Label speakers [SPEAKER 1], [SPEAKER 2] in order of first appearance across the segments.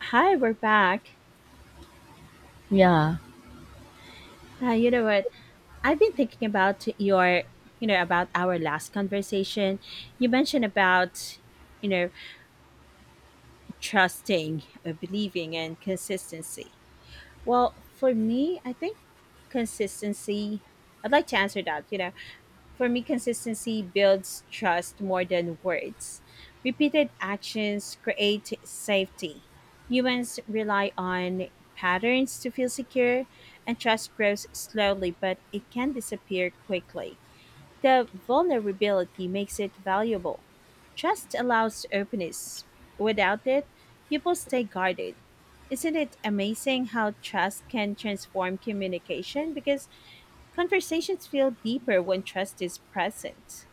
[SPEAKER 1] Hi, we're back.
[SPEAKER 2] Yeah,
[SPEAKER 1] You know what? I've been thinking about about our last conversation. You mentioned about, you know, trusting, believing, and consistency. Well, for me, I think consistency. I'd like to answer that. For me, consistency builds trust more than words. Repeated actions create safety. Humans rely on patterns to feel secure, and trust grows slowly, but it can disappear quickly. The vulnerability makes it valuable. Trust allows openness. Without it, people stay guarded. Isn't it amazing how trust can transform communication? Because Conversations feel deeper when trust is present.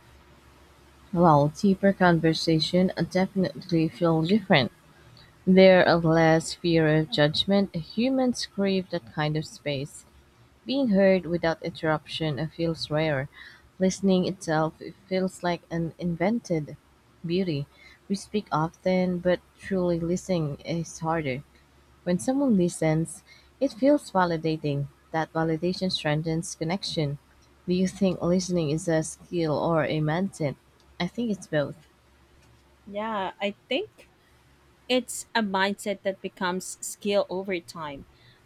[SPEAKER 2] while deeper conversation definitely feel different. There are less fear of judgment. Humans crave that kind of space. Being heard without interruption feels rare. Listening itself feels like an invented beauty. We speak often, but truly listening is harder. When someone listens, it feels validating. That validation strengthens connection. Do you think listening is a skill or a mindset? I think it's both.
[SPEAKER 1] Yeah, I think it's a mindset that becomes skill over time.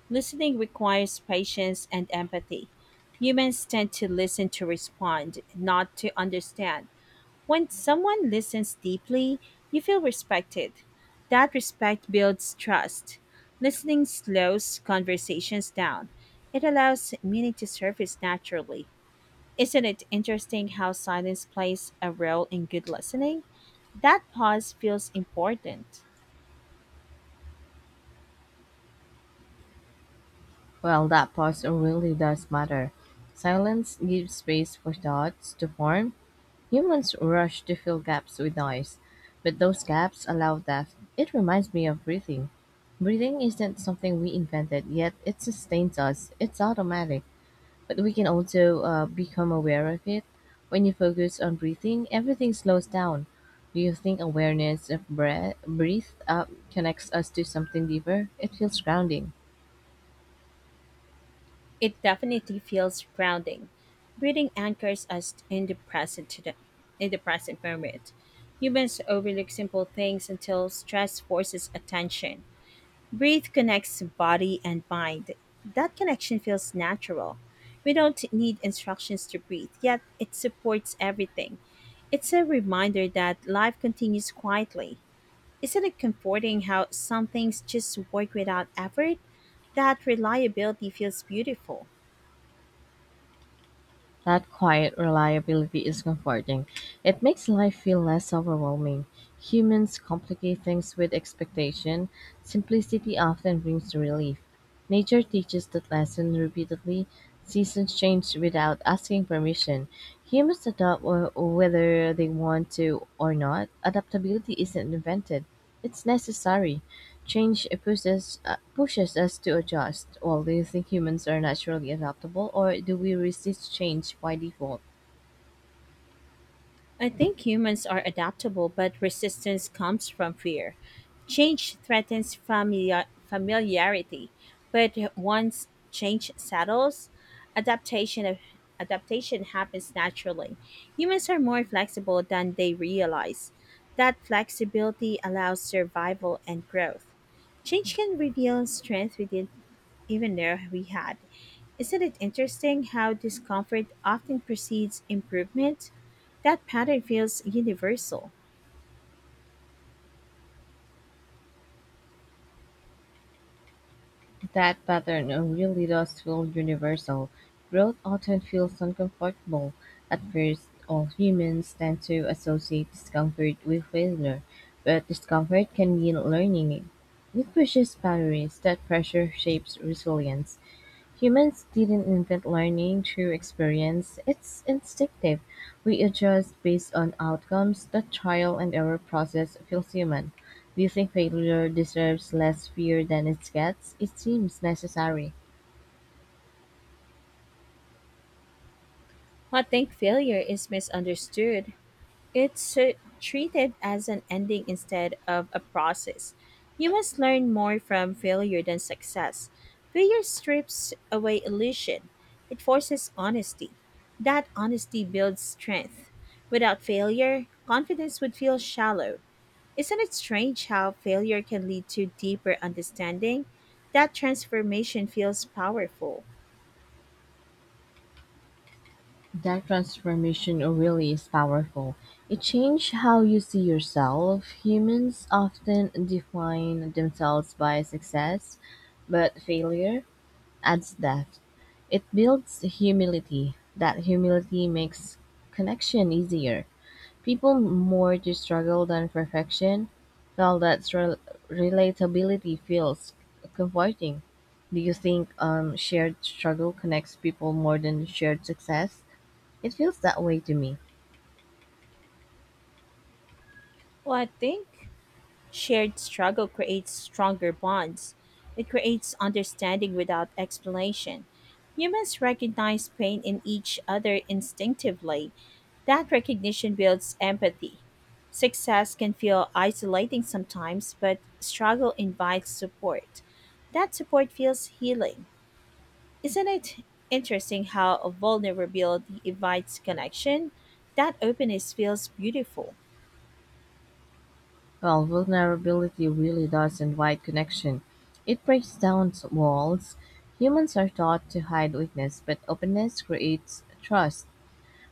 [SPEAKER 1] Listening requires patience and empathy. Humans tend to listen to respond, not to understand. When someone listens deeply, you feel respected. That respect builds trust. Listening slows conversations down. It allows meaning to surface naturally. Isn't it interesting how silence plays a role in good listening? That pause feels important.
[SPEAKER 2] Well, that pause really does matter. Silence gives space for thoughts to form. Humans rush to fill gaps with noise, but those gaps allow depth. It reminds me of breathing. Breathing isn't something we invented, yet it sustains us. It's automatic, but we can also become aware of it. When you focus on breathing, everything slows down. Do you think awareness of breath, connects us to something deeper? It feels grounding.
[SPEAKER 1] It definitely feels grounding. Reading anchors us in the present today, in the present moment. Humans overlook simple things until stress forces attention. Breathe connects body and mind. That connection feels natural. We don't need instructions to breathe, yet it supports everything. It's a reminder that life continues quietly. Isn't it comforting how some things just work without effort? That reliability feels beautiful.
[SPEAKER 2] That quiet reliability is comforting. It makes life feel less overwhelming. Humans complicate things with expectation. Simplicity often brings relief. Nature teaches that lesson repeatedly. Seasons change without asking permission. Humans adopt whether they want to or not. Adaptability isn't invented, it's necessary. Change pushes us to adjust. Well, do you think humans are naturally adaptable, or do we resist change by default?
[SPEAKER 1] I think humans are adaptable, but resistance comes from fear. Change threatens familiarity, but once change settles, adaptation of adaptation happens naturally. Humans are more flexible than they realize. That flexibility allows survival and growth. Change can reveal strength within even though we had. Isn't it interesting how discomfort often precedes improvement? That pattern feels universal.
[SPEAKER 2] That pattern really does feel universal. Growth often feels uncomfortable. At first, all humans tend to associate discomfort with failure, but discomfort can mean learning. It pushes boundaries. That pressure shapes resilience. Humans didn't invent learning through experience, it's instinctive. We adjust based on outcomes. The trial and error process feels human. Do you think failure deserves less fear than it gets? It seems necessary.
[SPEAKER 1] I think failure is misunderstood. It's treated as an ending instead of a process. You must learn more from failure than success. Failure strips away illusion, it forces honesty. That honesty builds strength. Without failure, confidence would feel shallow. Isn't it strange how failure can lead to deeper understanding? That transformation feels powerful.
[SPEAKER 2] That transformation really is powerful. It changed how you see yourself. Humans often define themselves by success, but failure adds depth. It builds humility. That humility makes connection easier. People more to struggle than perfection. Well, that relatability feels comforting. Do you think shared struggle connects people more than shared success? It feels that way to me.
[SPEAKER 1] Well, I think shared struggle creates stronger bonds. It creates understanding without explanation. Humans recognize pain in each other instinctively. That recognition builds empathy. Success can feel isolating sometimes, but struggle invites support. That support feels healing. Isn't it interesting how vulnerability invites connection? That openness feels beautiful.
[SPEAKER 2] Well, vulnerability really does invite connection. It breaks down walls. Humans are taught to hide weakness, but openness creates trust.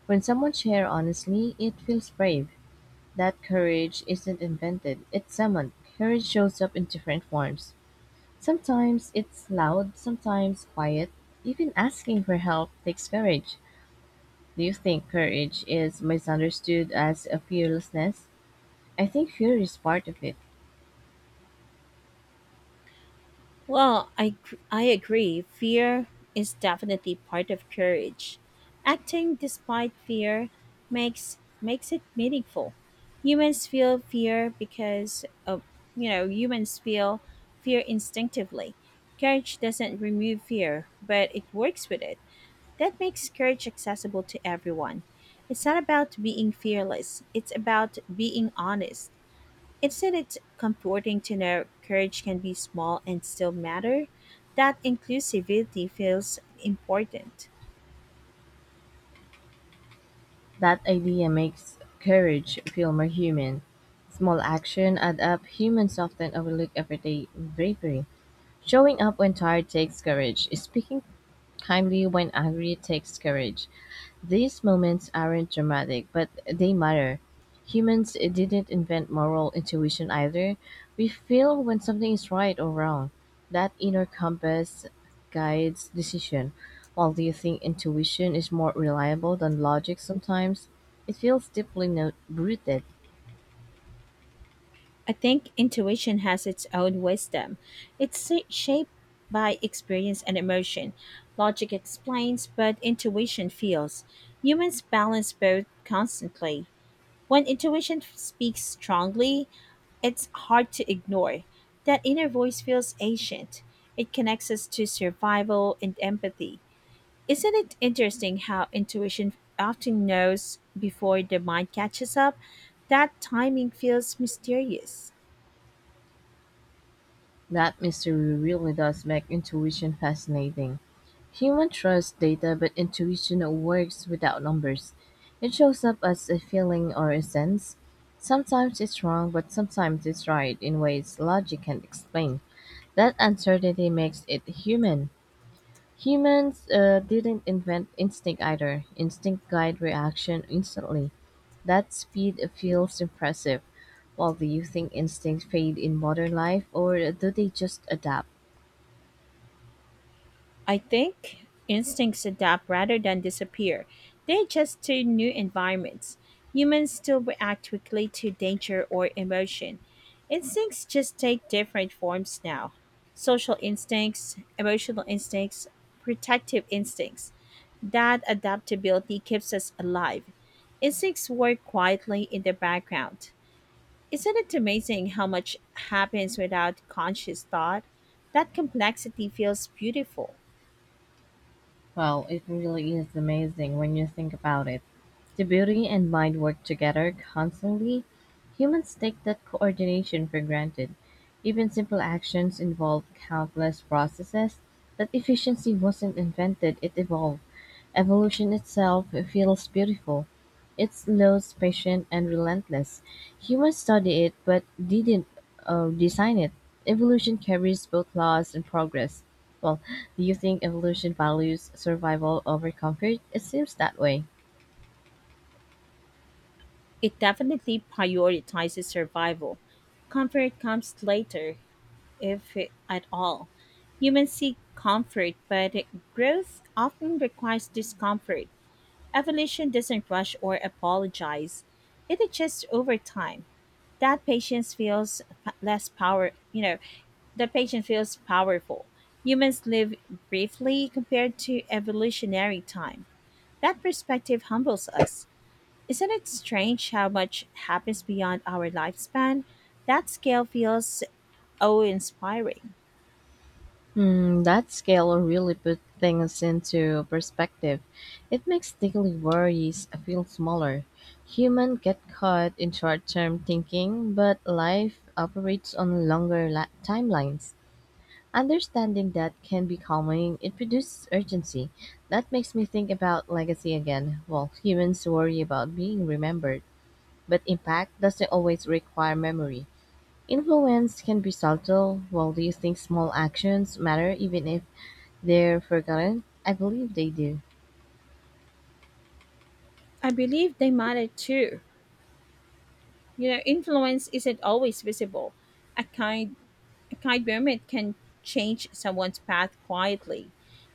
[SPEAKER 2] When someone shares honestly, it feels brave. That courage isn't invented, it's summoned. Courage shows up in different forms. Sometimes it's loud, sometimes quiet. Even asking for help takes courage. Do you think courage is misunderstood as a fearlessness? I think fear is part of it.
[SPEAKER 1] Well, I agree. Fear is definitely part of courage. Acting despite fear makes it meaningful. Humans feel fear because of you know humans feel fear instinctively. Courage doesn't remove fear, but it works with it. That makes courage accessible to everyone. It's not about being fearless, it's about being honest. Isn't it comforting to know courage can be small and still matter? That inclusivity feels important.
[SPEAKER 2] That idea makes courage feel more human. Small action add up. Humans often overlook everyday bravery. Showing up when tired takes courage. Speaking kindly when angry takes courage. These moments aren't dramatic, but they matter. Humans didn't invent moral intuition either. We feel when something is right or wrong. That inner compass guides decision. While do you think intuition is more reliable than logic sometimes? It feels deeply rooted.
[SPEAKER 1] I think intuition has its own wisdom. It's shaped by experience and emotion. Logic explains, but intuition feels. Humans balance both constantly. When intuition speaks strongly, it's hard to ignore. That inner voice feels ancient. It connects us to survival and empathy. Isn't it interesting how intuition often knows before the mind catches up? That timing feels mysterious.
[SPEAKER 2] That mystery really does make intuition fascinating. Human trusts data, but intuition works without numbers. It shows up as a feeling or a sense. Sometimes it's wrong, but sometimes it's right in ways logic can't explain. That uncertainty makes it human. Humans didn't invent instinct either. Instinct guide reaction instantly. That speed feels impressive. Well, do you think instincts fade in modern life, or do they just adapt?
[SPEAKER 1] I think instincts adapt rather than disappear. They adjust to new environments. Humans still react quickly to danger or emotion. Instincts just take different forms now: social instincts, emotional instincts, protective instincts. That adaptability keeps us alive. Instincts work quietly in the background. Isn't it amazing how much happens without conscious thought? That complexity feels beautiful.
[SPEAKER 2] Well, it really is amazing when you think about it. The beauty and mind work together constantly. Humans take that coordination for granted. Even simple actions involve countless processes. That efficiency wasn't invented, it evolved. Evolution itself feels beautiful. It's slow, patient, and relentless. Humans study it but didn't design it. Evolution carries both loss and progress. Well, do you think evolution values survival over comfort? It seems that way.
[SPEAKER 1] It definitely prioritizes survival. Comfort comes later, if at all. Humans seek comfort, but growth often requires discomfort. Evolution doesn't rush or apologize, it adjusts over time. That patience feels p- less power, you know, that patience feels powerful. Humans live briefly compared to evolutionary time. That perspective humbles us. Isn't it strange how much happens beyond our lifespan? That scale feels awe inspiring.
[SPEAKER 2] Mm, that scale really put things into perspective. It makes daily worries feel smaller. Humans get caught in short term thinking, but life operates on longer timelines. Understanding that can be calming, it produces urgency. That makes me think about legacy again. Well, humans worry about being remembered, but impact doesn't always require memory. Influence can be subtle. Well, do you think small actions matter even if they're forgotten? I believe they do.
[SPEAKER 1] I believe they matter too. You know, influence isn't always visible. A kind a kind moment can change someone's path quietly.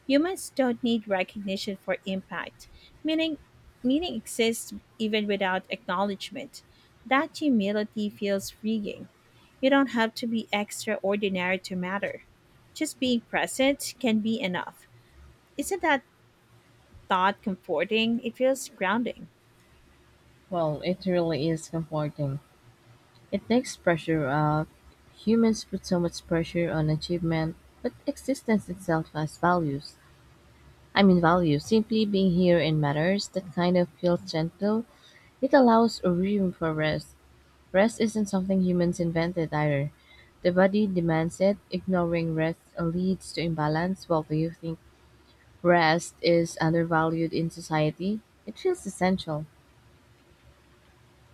[SPEAKER 1] Humans don't need recognition for impact. Meaning meaning exists even without acknowledgement. That humility feels freeing. You don't have to be extraordinary to matter. Just being present can be enough. Isn't that thought comforting? It feels grounding.
[SPEAKER 2] Well, it really is comforting. It takes pressure off. Humans put so much pressure on achievement, but existence itself has values. I mean, values. Simply being here in matters that kind of feels gentle. It allows a room for rest. Rest isn't something humans invented either. The body demands it. Ignoring rest leads to imbalance. Well, do you think rest is undervalued in society? It feels essential.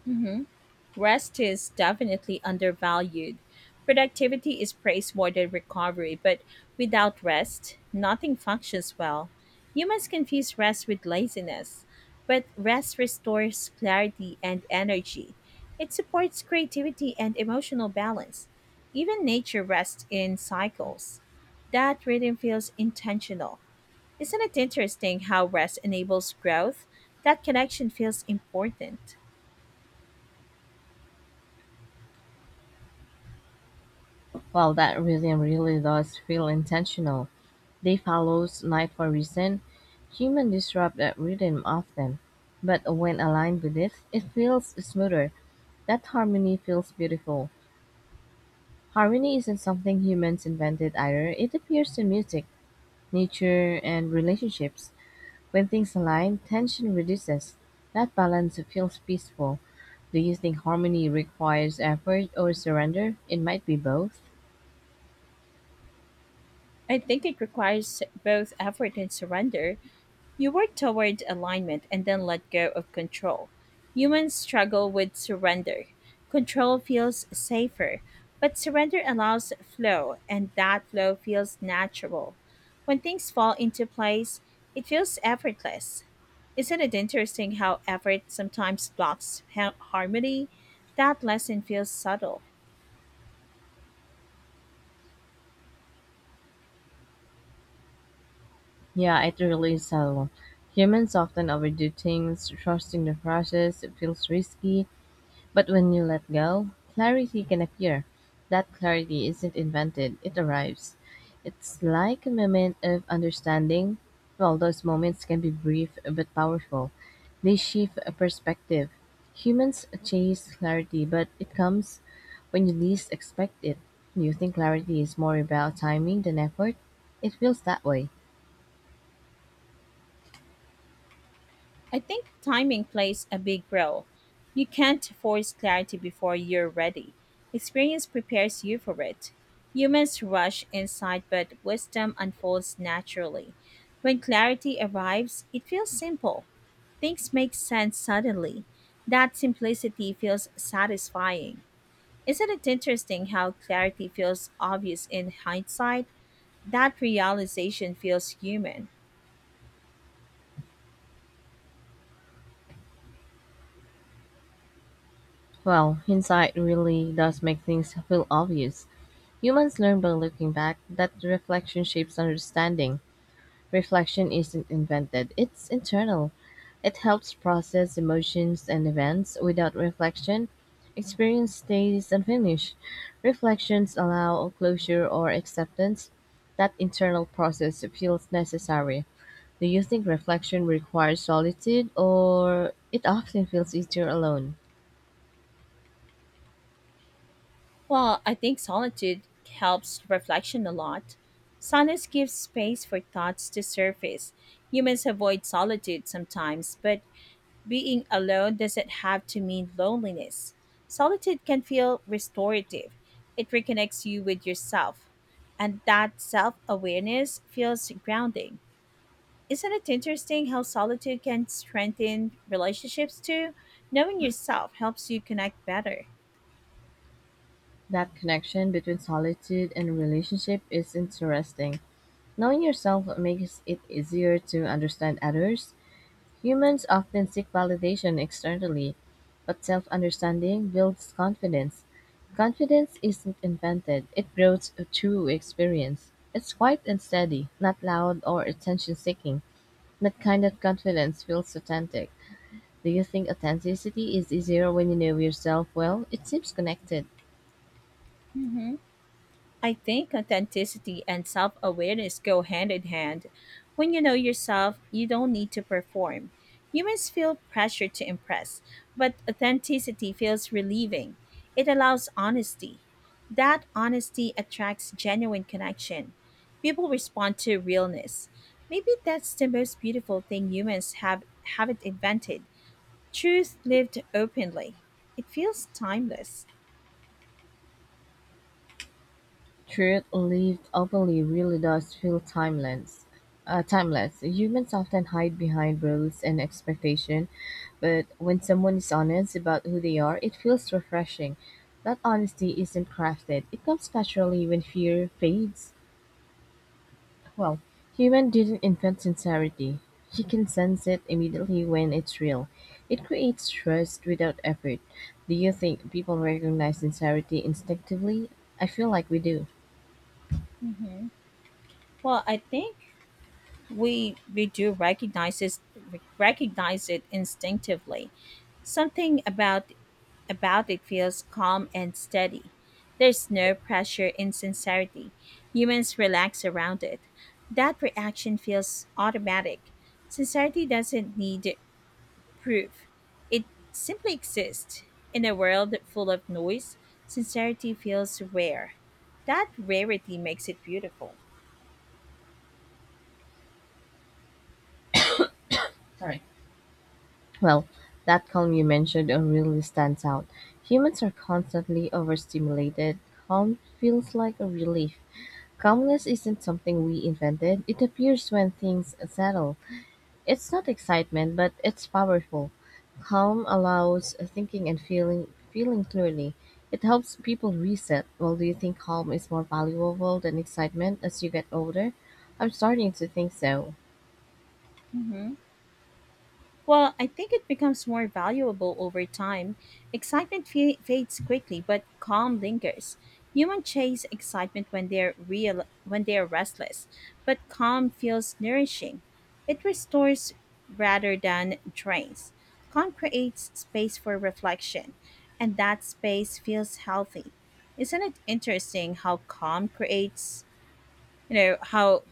[SPEAKER 1] Mhm. Rest is definitely undervalued. Productivity is praised more than recovery, but without rest, nothing functions well. Humans confuse rest with laziness, but rest restores clarity and energy. It supports creativity and emotional balance. Even nature rests in cycles. That rhythm feels intentional. Isn't it interesting how rest enables growth? That connection feels important.
[SPEAKER 2] Well, that rhythm really does feel intentional. Day follows night for a reason. Humans disrupt that rhythm often, but when aligned with it, it feels smoother. That harmony feels beautiful. Harmony isn't something humans invented either. It appears in music, nature, and relationships. When things align, tension reduces. That balance feels peaceful. Do you think harmony requires effort or surrender? It might be both.
[SPEAKER 1] I think it requires both effort and surrender. You work toward alignment and then let go of control. Humans struggle with surrender. Control feels safer, but surrender allows flow, and that flow feels natural. When things fall into place, it feels effortless. Isn't it interesting how effort sometimes blocks harmony? That lesson feels subtle.
[SPEAKER 2] Yeah, it really is subtle. Humans often overdo things, trusting the process, it feels risky, but when you let go, clarity can appear. That clarity isn't invented, it arrives. It's like a moment of understanding. Well, those moments can be brief but powerful. They shift a perspective. Humans chase clarity, but it comes when you least expect it. Do you think clarity is more about timing than effort? It feels that way.
[SPEAKER 1] I think timing plays a big role. You can't force clarity before you're ready. Experience prepares you for it. Humans rush insight, but wisdom unfolds naturally. When clarity arrives, it feels simple. Things make sense suddenly. That simplicity feels satisfying. Isn't it interesting how clarity feels obvious in hindsight? That realization feels human.
[SPEAKER 2] Well, hindsight really does make things feel obvious. Humans learn by looking back that reflection shapes understanding. Reflection isn't invented, it's internal. It helps process emotions and events. Without reflection, experience stays unfinished. Reflections allow closure or acceptance. That internal process feels necessary. Do you think reflection requires solitude, or it often feels easier alone?
[SPEAKER 1] Well, I think solitude helps reflection a lot. Silence gives space for thoughts to surface. Humans avoid solitude sometimes, but being alone doesn't have to mean loneliness. Solitude can feel restorative, it reconnects you with yourself. And that self awareness feels grounding. Isn't it interesting how solitude can strengthen relationships too? Knowing yourself helps you connect better.
[SPEAKER 2] That connection between solitude and relationship is interesting. Knowing yourself makes it easier to understand others. Humans often seek validation externally, but self understanding builds confidence. Confidence isn't invented, it grows through experience. It's quiet and steady, not loud or attention seeking. That kind of confidence feels authentic. Do you think authenticity is easier when you know yourself well? It seems connected.
[SPEAKER 1] Mm hmm. I think authenticity and self awareness go hand in hand. When you know yourself, you don't need to perform. Humans feel pressure to impress, but authenticity feels relieving. It allows honesty. That honesty attracts genuine connection. People respond to realness. Maybe that's the most beautiful thing humans have haven't invented. Truth lived openly. It feels timeless.
[SPEAKER 2] Truth lived openly really does feel timeless. Humans often hide behind rules and expectation, but when someone is honest about who they are, it feels refreshing. That honesty isn't crafted. It comes naturally when fear fades. Well, human didn't invent sincerity. He can sense it immediately when it's real. It creates trust without effort. Do you think people recognize sincerity instinctively? I feel like we do.
[SPEAKER 1] Hmm. Well, I think we do recognize it instinctively. Something about it feels calm and steady. There's no pressure in sincerity. Humans relax around it. That reaction feels automatic. Sincerity doesn't need proof. It simply exists. In a world full of noise, sincerity feels rare. That rarity makes it beautiful.
[SPEAKER 2] Well, that calm you mentioned really stands out. Humans are constantly overstimulated. Calm feels like a relief. Calmness isn't something we invented, it appears when things settle. It's not excitement, but it's powerful. Calm allows thinking and feeling clearly. It helps people reset. Well, do you think calm is more valuable than excitement as you get older? I'm starting to think so.
[SPEAKER 1] Mhm. Well, I think it becomes more valuable over time. Excitement fades quickly, but calm lingers. Humans chase excitement when they're restless, but calm feels nourishing. It restores rather than drains. Calm creates space for reflection, and that space feels healthy. Isn't it interesting how calm creates, you know,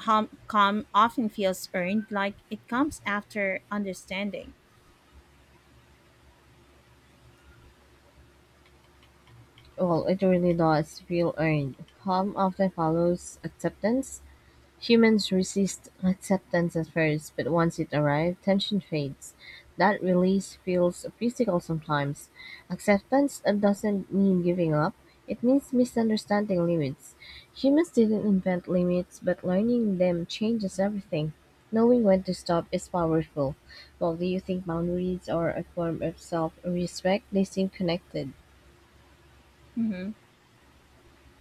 [SPEAKER 1] how calm often feels earned, like it comes after understanding?
[SPEAKER 2] Well, it really does feel earned. Harm often follows acceptance. Humans resist acceptance at first, but once it arrives, tension fades. That release feels physical sometimes. Acceptance doesn't mean giving up, it means misunderstanding limits. Humans didn't invent limits, but learning them changes everything. Knowing when to stop is powerful. Well, do you think boundaries are a form of self respect? They seem connected.
[SPEAKER 1] Hmm.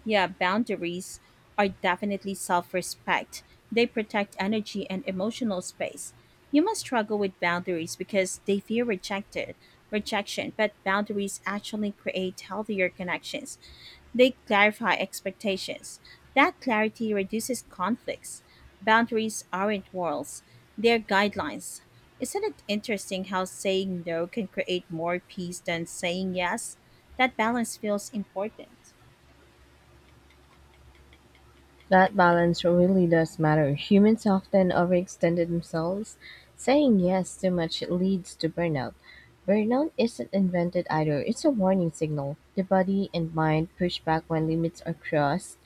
[SPEAKER 1] Yeah, boundaries are definitely self respect. They protect energy and emotional space. You must struggle with boundaries because they fear rejected rejection, but boundaries actually create healthier connections. They clarify expectations. That clarity reduces conflicts. Boundaries aren't walls, they're guidelines. Isn't it interesting how saying no can create more peace than saying yes? That balance feels important.
[SPEAKER 2] That balance really does matter. Humans often overextend themselves. Saying yes too much leads to burnout. Burnout isn't invented either, it's a warning signal. The body and mind push back when limits are crossed.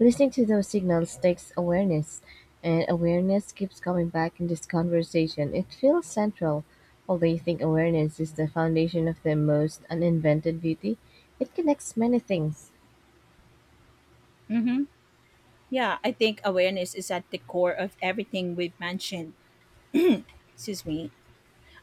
[SPEAKER 2] Listening to those signals takes awareness, and awareness keeps coming back in this conversation. It feels central. Although you think awareness is the foundation of the most uninvented beauty, it connects many things.
[SPEAKER 1] Mm-hmm. Yeah, I think awareness is at the core of everything we've mentioned. Excuse me.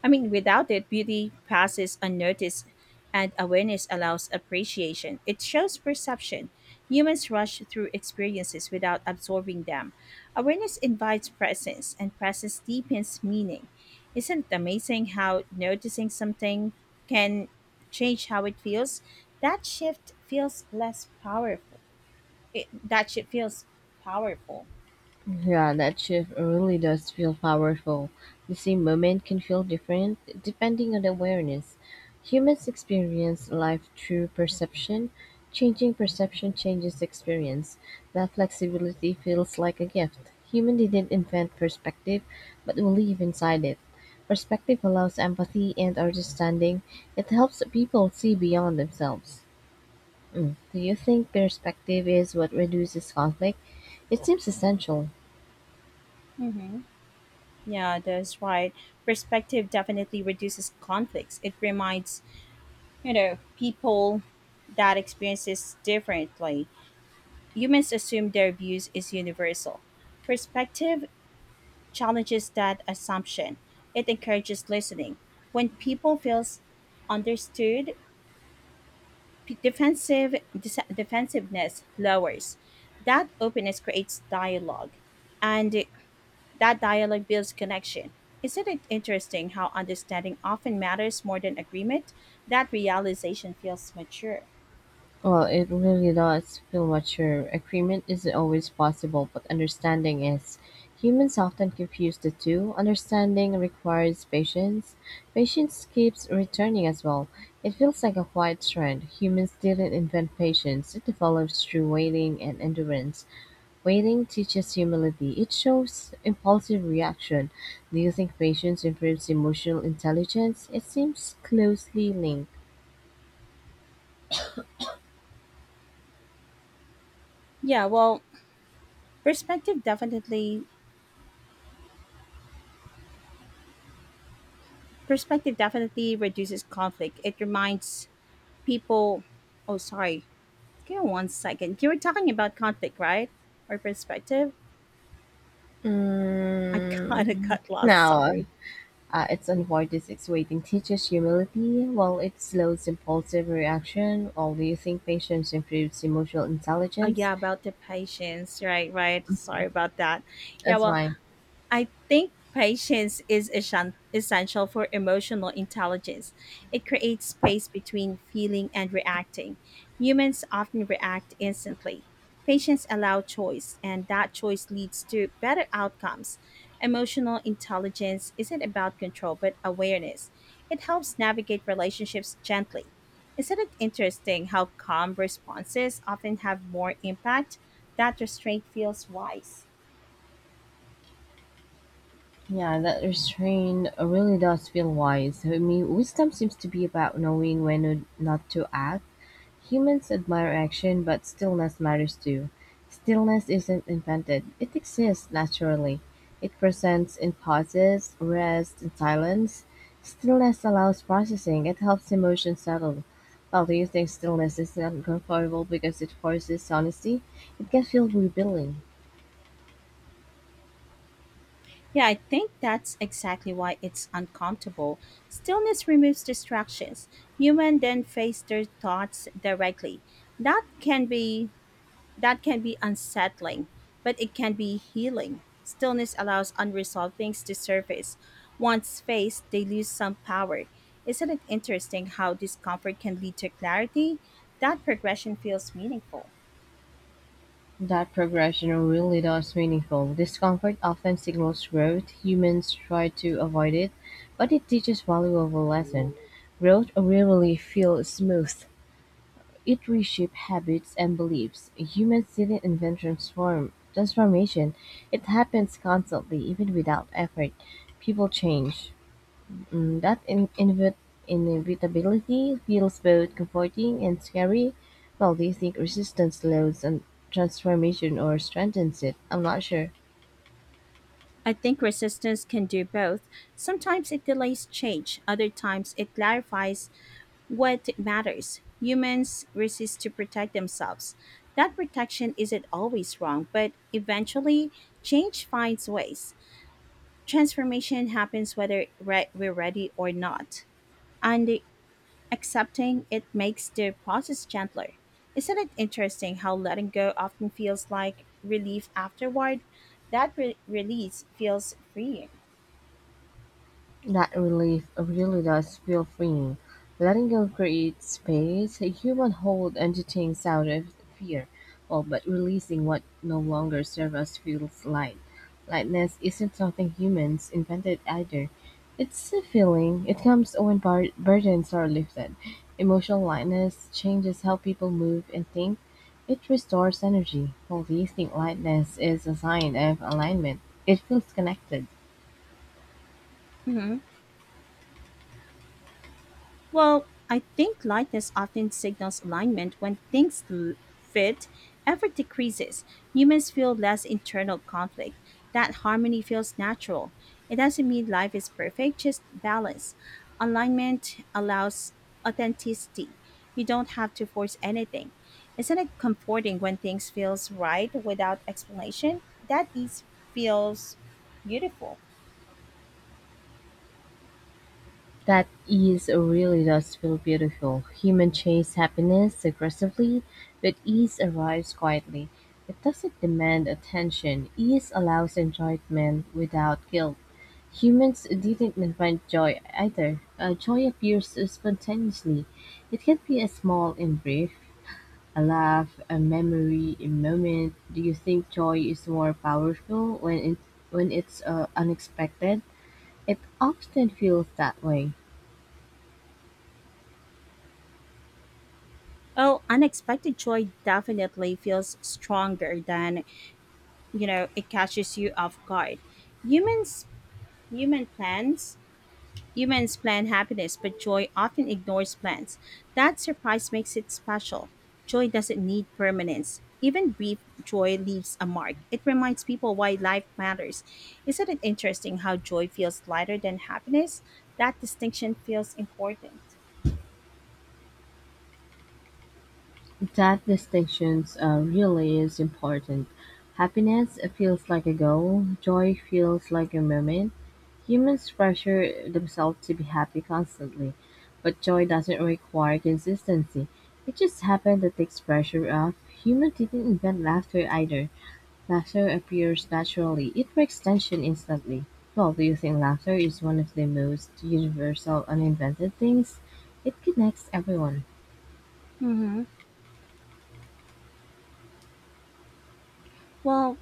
[SPEAKER 1] I mean, without it, beauty passes unnoticed, and awareness allows appreciation. It shows perception. Humans rush through experiences without absorbing them. Awareness invites presence, and presence deepens meaning. Isn't it amazing how noticing something can change how it feels? That shift feels less powerful. That shift feels powerful.
[SPEAKER 2] Yeah, that shift really does feel powerful. The same moment can feel different depending on the awareness. Humans experience life through perception. Changing perception changes experience. That flexibility feels like a gift. Human didn't invent perspective, but we live inside it. Perspective allows empathy and understanding. It helps people see beyond themselves. Mm. Do you think perspective is what reduces conflict? It seems essential.
[SPEAKER 1] Mm-hmm. Yeah, that's right. Perspective definitely reduces conflicts. It reminds, people that experiences differently. Humans assume their views is universal. Perspective challenges that assumption. It encourages listening. When people feels understood, defensiveness lowers. That openness creates dialogue, and that dialogue builds connection. Isn't it interesting how understanding often matters more than agreement? That realization feels mature.
[SPEAKER 2] Well, it really does feel mature. Agreement isn't always possible, but understanding is. Humans often confuse the two. Understanding requires patience. Patience keeps returning as well. It feels like a quiet trend. Humans didn't invent patience, it develops through waiting and endurance. Waiting teaches humility, it shows impulsive reaction. Do you think patience improves emotional intelligence? It seems closely linked.
[SPEAKER 1] Yeah, well, perspective definitely perspective definitely reduces conflict. It reminds people. Oh, sorry. Give me 1 second. You were talking about conflict, right? Or perspective? I
[SPEAKER 2] Mm,
[SPEAKER 1] kinda got lost,
[SPEAKER 2] no,
[SPEAKER 1] sorry.
[SPEAKER 2] Its avoidance waiting teaches humility, while it slows impulsive reaction. All-you-think patience improves emotional
[SPEAKER 1] Oh
[SPEAKER 2] intelligence.
[SPEAKER 1] yeah, about the patience. Right, right. Sorry about that. Yeah,
[SPEAKER 2] That's
[SPEAKER 1] well,
[SPEAKER 2] why,
[SPEAKER 1] I think patience is essential for emotional intelligence. It creates space between feeling and reacting. Humans often react instantly. Patience allows choice, and that choice leads to better outcomes. Emotional intelligence isn't about control, but awareness. It helps navigate relationships gently. Isn't it interesting how calm responses often have more impact? That restraint feels wise.
[SPEAKER 2] yeah, that restraint really does feel wise. I mean, wisdom seems to be about knowing when not to act. Humans admire action, but stillness matters too. Stillness isn't invented, it exists naturally. It presents in pauses, rest, and silence. Stillness allows processing, it helps emotions settle. While do you think stillness is uncomfortable because it forces honesty? It can feel revealing.
[SPEAKER 1] Yeah, I think that's exactly why it's uncomfortable. Stillness removes distractions. Human then face their thoughts directly. That can be that can be unsettling, but it can be healing. Stillness allows unresolved things to surface. Once faced, they lose some power. Isn't it interesting how discomfort can lead to clarity? That progression feels meaningful.
[SPEAKER 2] That progression really is meaningful. Discomfort often signals growth. Humans try to avoid it, but it teaches valuable lesson. Growth rarely feels smooth. It reshapes habits and beliefs. Humans didn't invent transformation. It happens constantly, even without effort. People change. Mm, that inevitability feels both comforting and scary. Well, do you think resistance slows and transformation or strengthens it? I'm not sure.
[SPEAKER 1] I think resistance can do both. Sometimes it delays change, other times it clarifies what matters. Humans resist to protect themselves. That protection isn't always wrong, but eventually, change finds ways. Transformation happens whether we're ready or not, and accepting it makes the process gentler. Isn't it interesting how letting go often feels like relief afterward? That release feels freeing.
[SPEAKER 2] That relief really does feel freeing. Letting go creates space. A Human hold onto things out of fear, well, but releasing what no longer serves us feels light. Lightness isn't something humans invented either. It's a feeling. It comes when burdens are lifted. Emotional lightness changes how people move and think. It restores energy. While releasing lightness is a sign of alignment. It feels connected.
[SPEAKER 1] Mhm. Well, I think lightness often signals alignment. When things fit, effort decreases. Humans feel less internal conflict. That harmony feels natural. It doesn't mean life is perfect, just balance. Alignment allows authenticity. You don't have to force anything. Isn't it comforting when things feels right without explanation? That is feels beautiful.
[SPEAKER 2] That ease really does feel beautiful. Humans chase happiness aggressively, but ease arrives quietly. It doesn't demand attention. Ease allows enjoyment without guilt. Humans didn't invent joy either. Joy appears spontaneously. It can be a small and brief, a laugh, a memory, a moment. Do you think joy is more powerful when it's unexpected? It often feels that way.
[SPEAKER 1] Oh, unexpected joy definitely feels stronger than you know it catches you off guard. Humans human plans humans plan happiness, but joy often ignores plans. That surprise makes it special. Joy doesn't need permanence. Even brief joy leaves a mark. It reminds people why life matters. Isn't it interesting how joy feels lighter than happiness? That distinction feels important.
[SPEAKER 2] That distinctions are really is important. Happiness feels like a goal, joy feels like a moment. Humans pressure themselves to be happy constantly, but joy doesn't require consistency. It just happens that takes pressure off. Humans didn't invent laughter either. Laughter appears naturally. It breaks tension instantly. Well, do you think laughter is one of the most universal uninvented things? It connects everyone.
[SPEAKER 1] Mm-hmm. Well,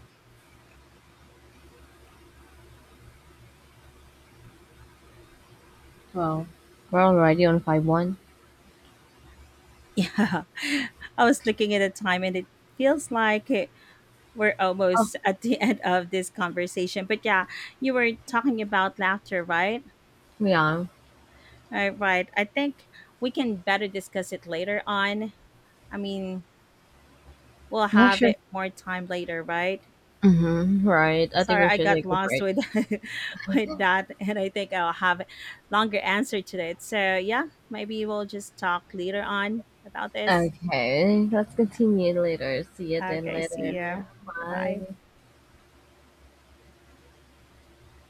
[SPEAKER 2] Well, we're already on 5-1.
[SPEAKER 1] yeah, I was looking at the time and it feels like we're
[SPEAKER 2] Oh,
[SPEAKER 1] almost at the end of this conversation. But yeah, you were talking about laughter, right?
[SPEAKER 2] we are.
[SPEAKER 1] All right. I think we can better discuss it later on. I mean, we'll
[SPEAKER 2] Yeah,
[SPEAKER 1] have
[SPEAKER 2] sure.
[SPEAKER 1] it more time later, right?
[SPEAKER 2] Hmm. Right. I think
[SPEAKER 1] Sorry,
[SPEAKER 2] we
[SPEAKER 1] I
[SPEAKER 2] should
[SPEAKER 1] got
[SPEAKER 2] take a
[SPEAKER 1] lost
[SPEAKER 2] break.
[SPEAKER 1] with with that, and I think I'll have a longer answer to that. So yeah, maybe we'll just talk later on about this.
[SPEAKER 2] Okay. Let's continue later. See you
[SPEAKER 1] Yeah.
[SPEAKER 2] then
[SPEAKER 1] Okay. See ya.
[SPEAKER 2] later.
[SPEAKER 1] Goodbye.
[SPEAKER 2] Bye.